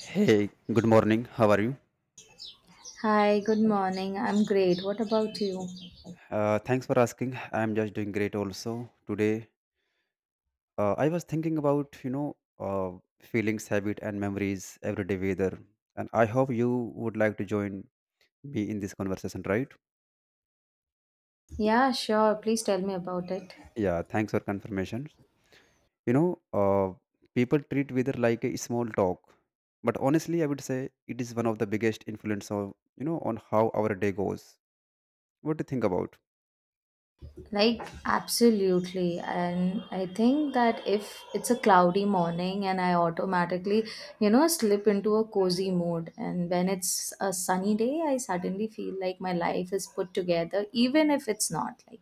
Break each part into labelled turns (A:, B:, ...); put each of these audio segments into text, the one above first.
A: Hey, good morning. How are you?
B: Hi, good morning. I'm great. What about you?
A: Thanks for asking. I'm just doing great also. Today, I was thinking about, feelings, habit, and memories every day weather. And I hope you would like to join me in this conversation, right?
B: Yeah, sure. Please tell me about it.
A: Yeah, thanks for confirmation. You know, uh, people treat weather like a small talk, but honestly, I would say it is one of the biggest influence of, on how our day goes. What do you think about?
B: Like, absolutely. And I think that if it's a cloudy morning and I automatically, you know, slip into a cozy mood, and when it's a sunny day, I suddenly feel like my life is put together, even if it's not. Like,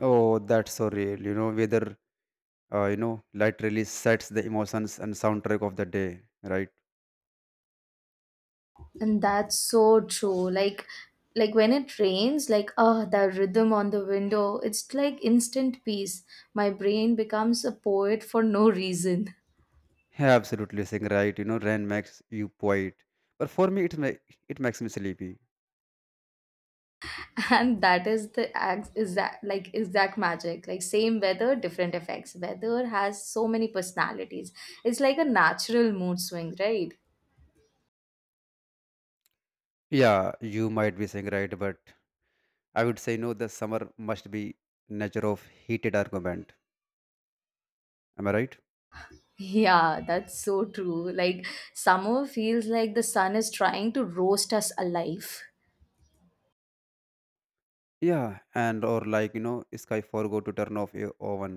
A: Oh, that's so real. You know, weather literally sets the emotions and soundtrack of the day, right?
B: and that's so true. Like when it rains, like oh the rhythm on the window, it's like instant peace. My brain becomes a poet for no reason.
A: Yeah, absolutely saying right, you know, rain makes you poet, but for me it makes me sleepy.
B: And that is the exact magic. Like same weather, different effects. Weather has so many personalities. It's like a natural mood swing, right?
A: Yeah, you might be saying right, but I would say no, the summer must be nature of heated argument, am I right?
B: Yeah, that's so true. Like summer feels like the sun is trying to roast us alive.
A: Yeah, and or like, you know, sky forgot to turn off your oven.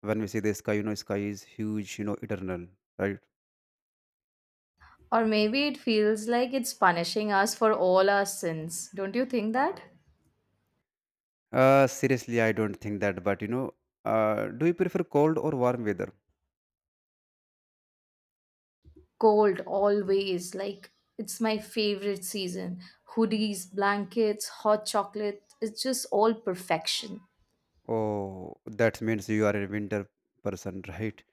A: When we see the sky, you know, sky is huge, you know, eternal, right?
B: Or maybe it feels like it's punishing us for all our sins. Don't you think that?
A: Seriously, I don't think that, but you know, do you prefer cold or warm weather?
B: Cold, always. Like, it's my favorite season. Hoodies, blankets, hot chocolate. It's just all perfection.
A: Oh, that means you are a winter person, right?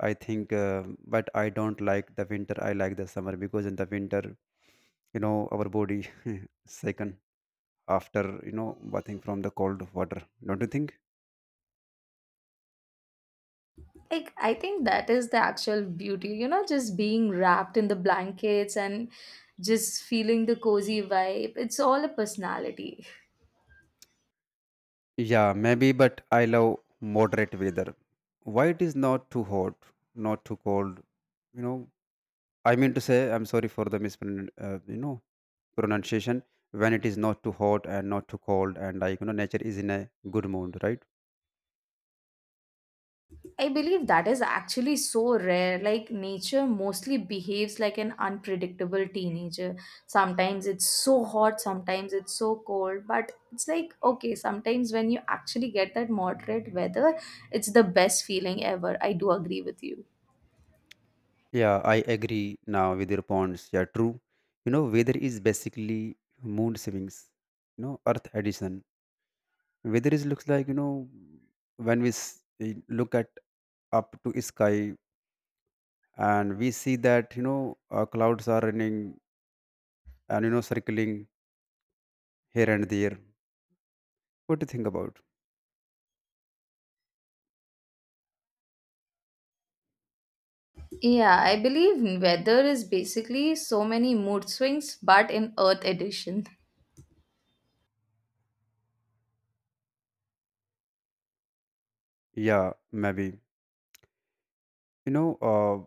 A: I think, but I don't like the winter. I like the summer because in the winter, you know, our body second after, you know, bathing from the cold water. Don't you think?
B: Like, I think that is the actual beauty, you know, just being wrapped in the blankets and just feeling the cozy vibe. It's all a personality.
A: Yeah, maybe, but I love moderate weather. Why it is not too hot, not too cold? You know, I mean to say, I'm sorry for the mispron, you know, pronunciation. When it is not too hot and not too cold, and like, you know, nature is in a good mood, right?
B: I believe that is actually so rare. Like, nature mostly behaves like an unpredictable teenager. Sometimes it's so hot, sometimes it's so cold. But it's like, okay, sometimes when you actually get that moderate weather, it's the best feeling ever. I do agree with you.
A: Yeah, I agree now with your points. Yeah, true. You know, weather is basically mood swings. You know, Earth addition. Weather is looks like, you know, when we s- eh, look at up to sky and we see that, you know, clouds are running and, you know, circling here and there. What do you think about?
B: Yeah, I believe weather is basically so many mood swings, but in Earth edition.
A: Yeah, maybe. You know,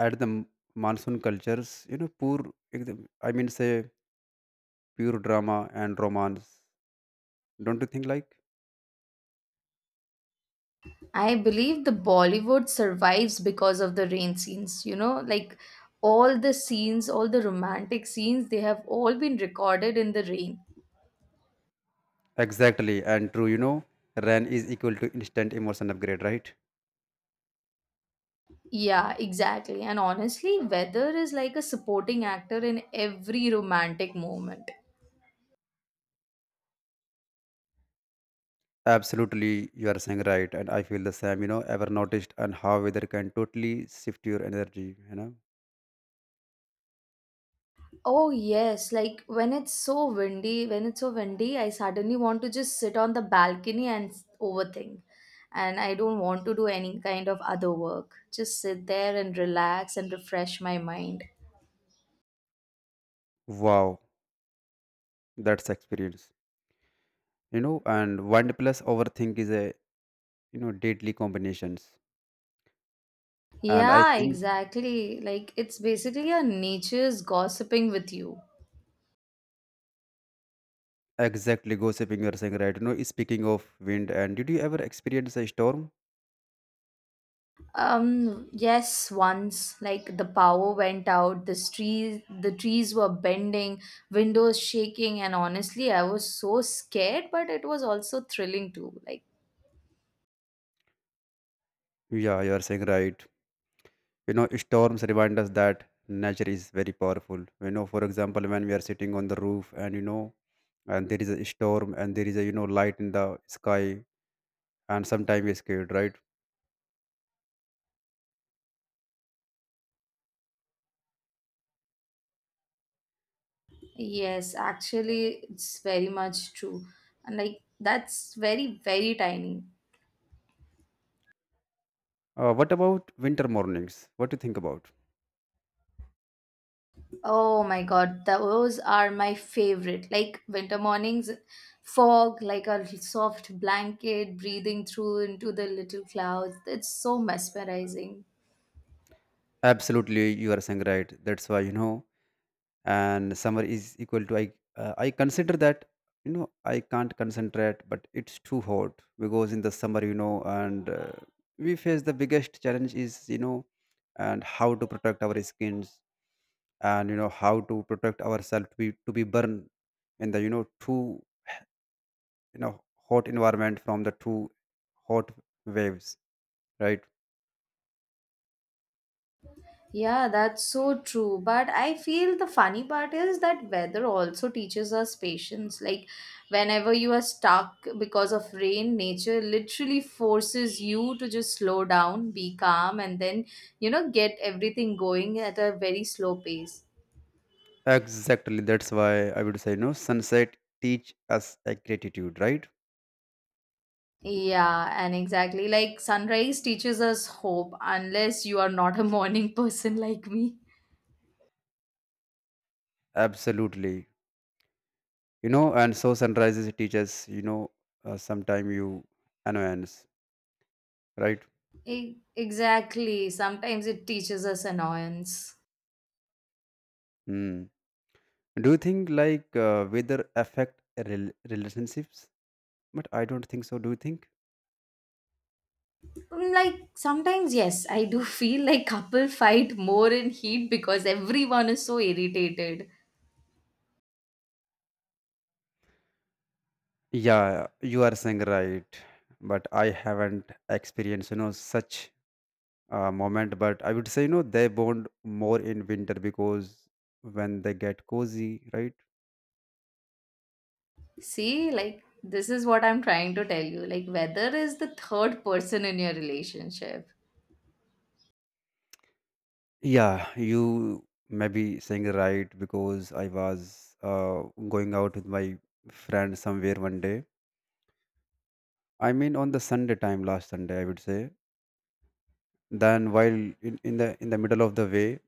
A: at the m- monsoon cultures, you know, poor. I mean, say pure drama and romance. Don't you think like?
B: I believe the Bollywood survives because of the rain scenes. You know, like all the scenes, all the romantic scenes, they have all been recorded in the rain.
A: Exactly, and true, you know, RAN is equal to instant emotion upgrade, right?
B: Yeah, exactly. And honestly, weather is like a supporting actor in every romantic moment.
A: Absolutely, you are saying right, and I feel the same, you know, ever noticed and how weather can totally shift your energy, you know?
B: Oh, yes. Like when it's so windy, I suddenly want to just sit on the balcony and overthink. And I don't want to do any kind of other work. Just sit there and relax and refresh my mind.
A: Wow, that's experience, you know, and one plus overthink is a, you know, deadly combinations. And I
B: Yeah,
A: think
B: exactly. Like it's basically a nature's gossiping with you.
A: exactly gossiping, you are saying right, you know, speaking of wind, and did you ever experience a storm?
B: Yes, once like the power went out, the trees were bending, windows shaking, and honestly I was so scared, but it was also thrilling too. Like
A: Yeah, you are saying right. You know, storms remind us that nature is very powerful, you know, for example, when we are sitting on the roof and, you know, and there is a storm and there is a, you know, light in the sky, and sometimes we're scared, right?
B: yes, actually it's very much true. And like that's very, very tiny.
A: What about winter mornings, what do you think about?
B: Oh my god, those are my favorite. Like winter mornings, fog, like a soft blanket breathing through into the little clouds. It's so mesmerizing.
A: Absolutely, you are saying right, that's why, you know, and summer is equal to I consider that, you know, I can't concentrate but it's too hot because in the summer, you know, and we face the biggest challenge is, you know, and how to protect our skins and, you know, how to protect ourselves to be burned in the, you know, too, you know, hot environment from the too hot waves, right?
B: Yeah, that's so true. But I feel the funny part is that weather also teaches us patience. Like, whenever you are stuck because of rain, nature literally forces you to just slow down, be calm, and then, you know, get everything going at a very slow pace.
A: Exactly, that's why I would say, you know, sunset teach us a gratitude, right?
B: Yeah, and exactly. Like sunrise teaches us hope, unless you are not a morning person like me.
A: Absolutely, you know, and so sunrises teaches, you know, sometime you annoyance, right?
B: Exactly. Sometimes it teaches us annoyance.
A: Hmm. Do you think like, weather affect relationships, but I don't think so, do you think?
B: Mm, like sometimes, yes, I do feel like couple fight more in heat because everyone is so irritated.
A: Yeah, you are saying right, but I haven't experienced, you know, such moment, but I would say, you know, they bond more in winter because when they get cozy, right?
B: See, like this is what I'm trying to tell you. Like weather is the third person in your relationship.
A: Yeah, you may be saying right because I was going out with my friend somewhere one day. I mean, on the Sunday time, last Sunday, I would say. Then, while in the middle of the way,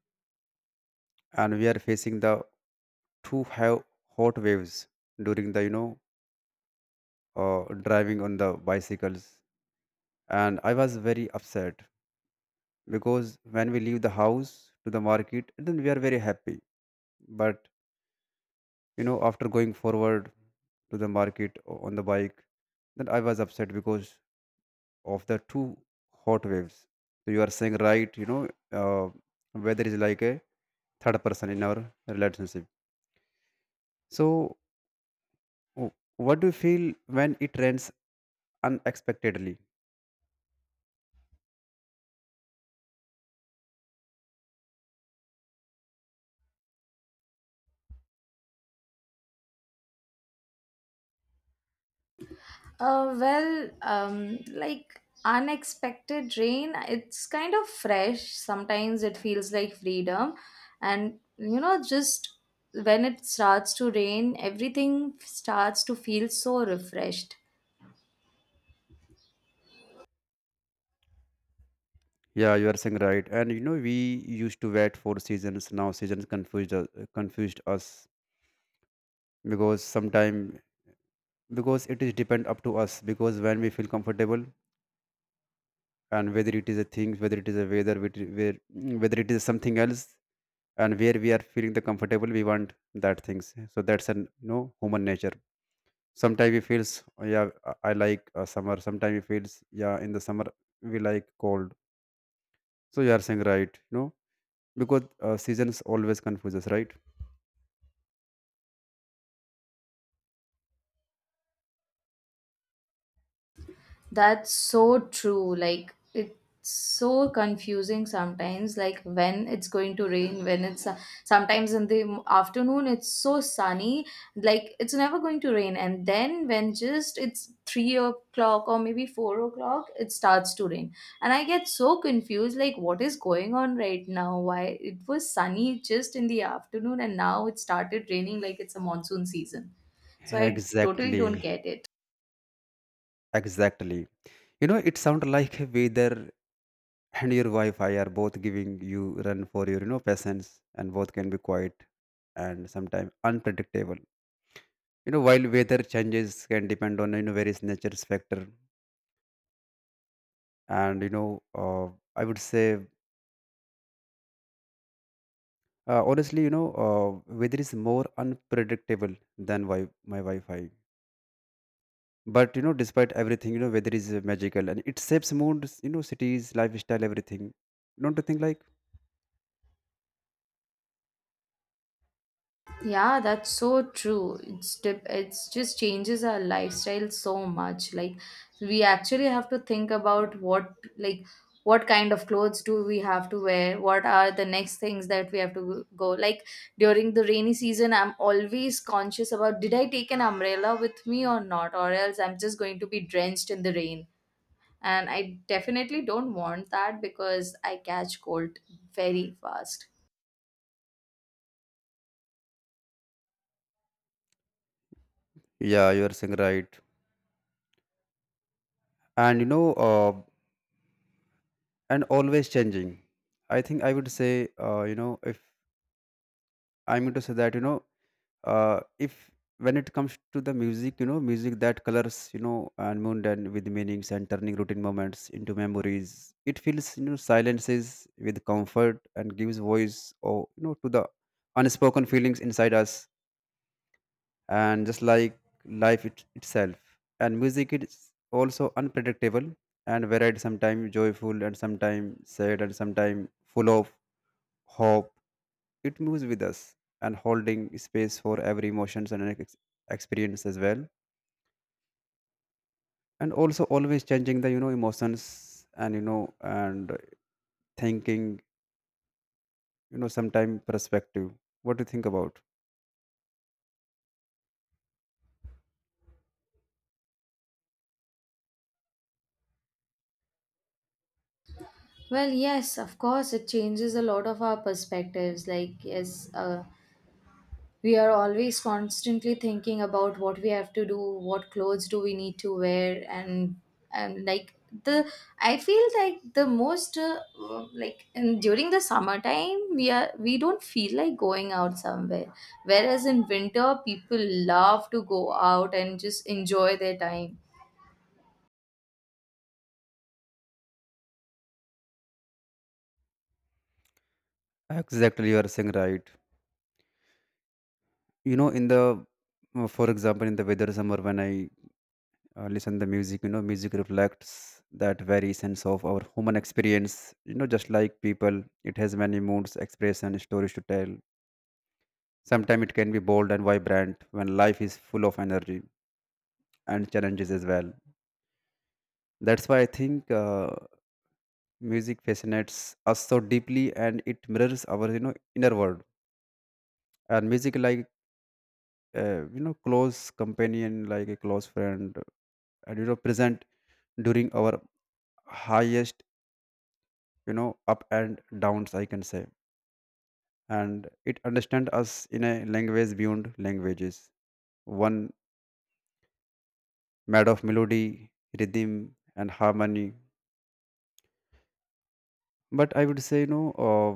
A: and we are facing the two have hot waves during the, you know, driving on the bicycles, and I was very upset because when we leave the house to the market, then we are very happy, but you know after going forward to the market on the bike, then I was upset because of the two hot waves. So you are saying right, you know, uh, weather is like a third person in our relationship. so w- what do you feel when it rains unexpectedly?
B: Like unexpected rain, it's kind of fresh. Sometimes it feels like freedom. And, you know, just when it starts to rain, everything starts to feel so refreshed.
A: Yeah, you are saying right, and you know we used to wait for seasons, now confused us, because sometime, because it is depend up to us, because when we feel comfortable, and whether it is a thing, whether it is a weather, whether it is something else, and where we are feeling the comfortable, we want that things, so that's an, you know, human nature. Sometimes we feels, "Oh, yeah, I like summer," sometimes we feels, yeah, in the summer we like cold. So you are saying right, you know, because seasons always confuse us, right?
B: That's so true. Like, it's so confusing sometimes, like when it's going to rain, when it's sometimes in the afternoon, it's so sunny, like it's never going to rain. And then when just it's 3 o'clock or maybe 4 o'clock, it starts to rain. And I get so confused, like, what is going on right now? Why it was sunny just in the afternoon and now it started raining like it's a monsoon season. So I totally don't
A: Exactly,
B: get it.
A: exactly, you know, it sounds like a weather and your wi-fi are both giving you run for your, you know, patience, and both can be quiet and sometimes unpredictable, you know, while weather changes can depend on, you know, various nature's factor, and you know, I would say, honestly, you know, weather is more unpredictable than my wi-fi. But you know, despite everything, you know, weather is, magical, and it shapes moods, you know, cities, lifestyle, everything, don't you think like?
B: Yeah, that's so true. It's just changes our lifestyle so much. Like we actually have to think about what kind of clothes do we have to wear? What are the next things that we have to go? Like during the rainy season, I'm always conscious about did I take an umbrella with me or not, or else I'm just going to be drenched in the rain. And I definitely don't want that because I catch cold very fast.
A: Yeah, you are saying right, and you know, and always changing. I think I would say, you know, if I'm going to say that you know if when it comes to the music, you know, music that colors, you know, and moon and with meanings and turning routine moments into memories, it fills, you know, silences with comfort and gives voice or, you know, to the unspoken feelings inside us, and just like life itself, and music is also unpredictable and varied, sometimes joyful and sometimes sad and sometimes full of hope. It moves with us and holding space for every emotions and experience as well, and also always changing the, you know, emotions and, you know, and thinking, you know, sometime perspective. What do you think about?
B: Well, yes, of course, it changes a lot of our perspectives. Like, yes, we are always constantly thinking about what we have to do, what clothes do we need to wear, and like the I feel like the most like during the summertime we don't feel like going out somewhere, whereas in winter people love to go out and just enjoy their time.
A: Exactly, you are saying right, you know, in the, for example, in the weather summer when I listen the music, you know, music reflects that very sense of our human experience, you know, just like people, it has many moods, expression, stories to tell. Sometimes it can be bold and vibrant when life is full of energy and challenges as well. That's why I think, music fascinates us so deeply and it mirrors our, you know, inner world. And music like, you know, close companion, like a close friend, and you know, present during our highest, you know, up and downs, I can say. And it understands us in a language beyond languages, one made of melody, rhythm, and harmony. But I would say, you know,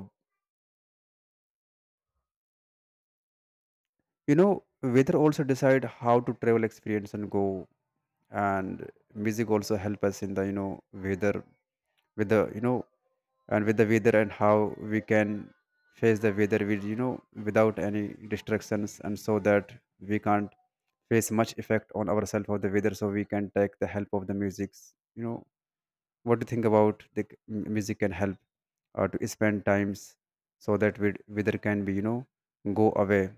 A: you know, weather also decide how to travel experience and go, and music also help us in the, you know, weather with the, you know, and with the weather, and how we can face the weather with, you know, without any distractions, and so that we can't face much effect on ourselves of the weather, so we can take the help of the musics, you know. What do you think about the music can help, to spend times so that weather can be, you know, go away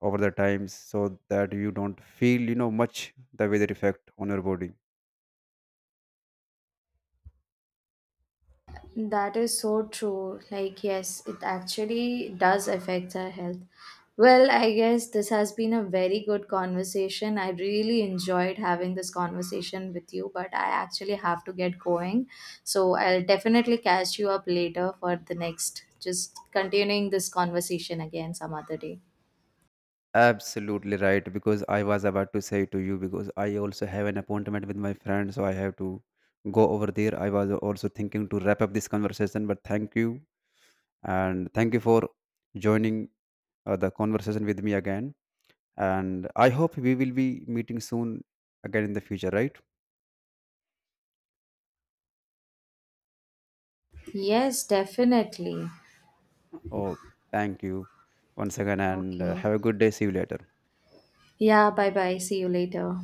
A: over the times, so that you don't feel, you know, much the weather effect on your body?
B: That is so true. Like, yes, it actually does affect our health. Well, I guess this has been a very good conversation. I really enjoyed having this conversation with you, but I actually have to get going. So I'll definitely catch you up later for the next, just continuing this conversation again some other day.
A: Absolutely right, because I was about to say to you, because I also have an appointment with my friend, so I have to go over there. I was also thinking to wrap up this conversation, but thank you, and thank you for joining the conversation with me again, and I hope we will be meeting soon again in the future, right?
B: Yes, definitely.
A: Oh, thank you once again, and
B: Okay.
A: have a good day, see you later.
B: Yeah, bye bye. See you later.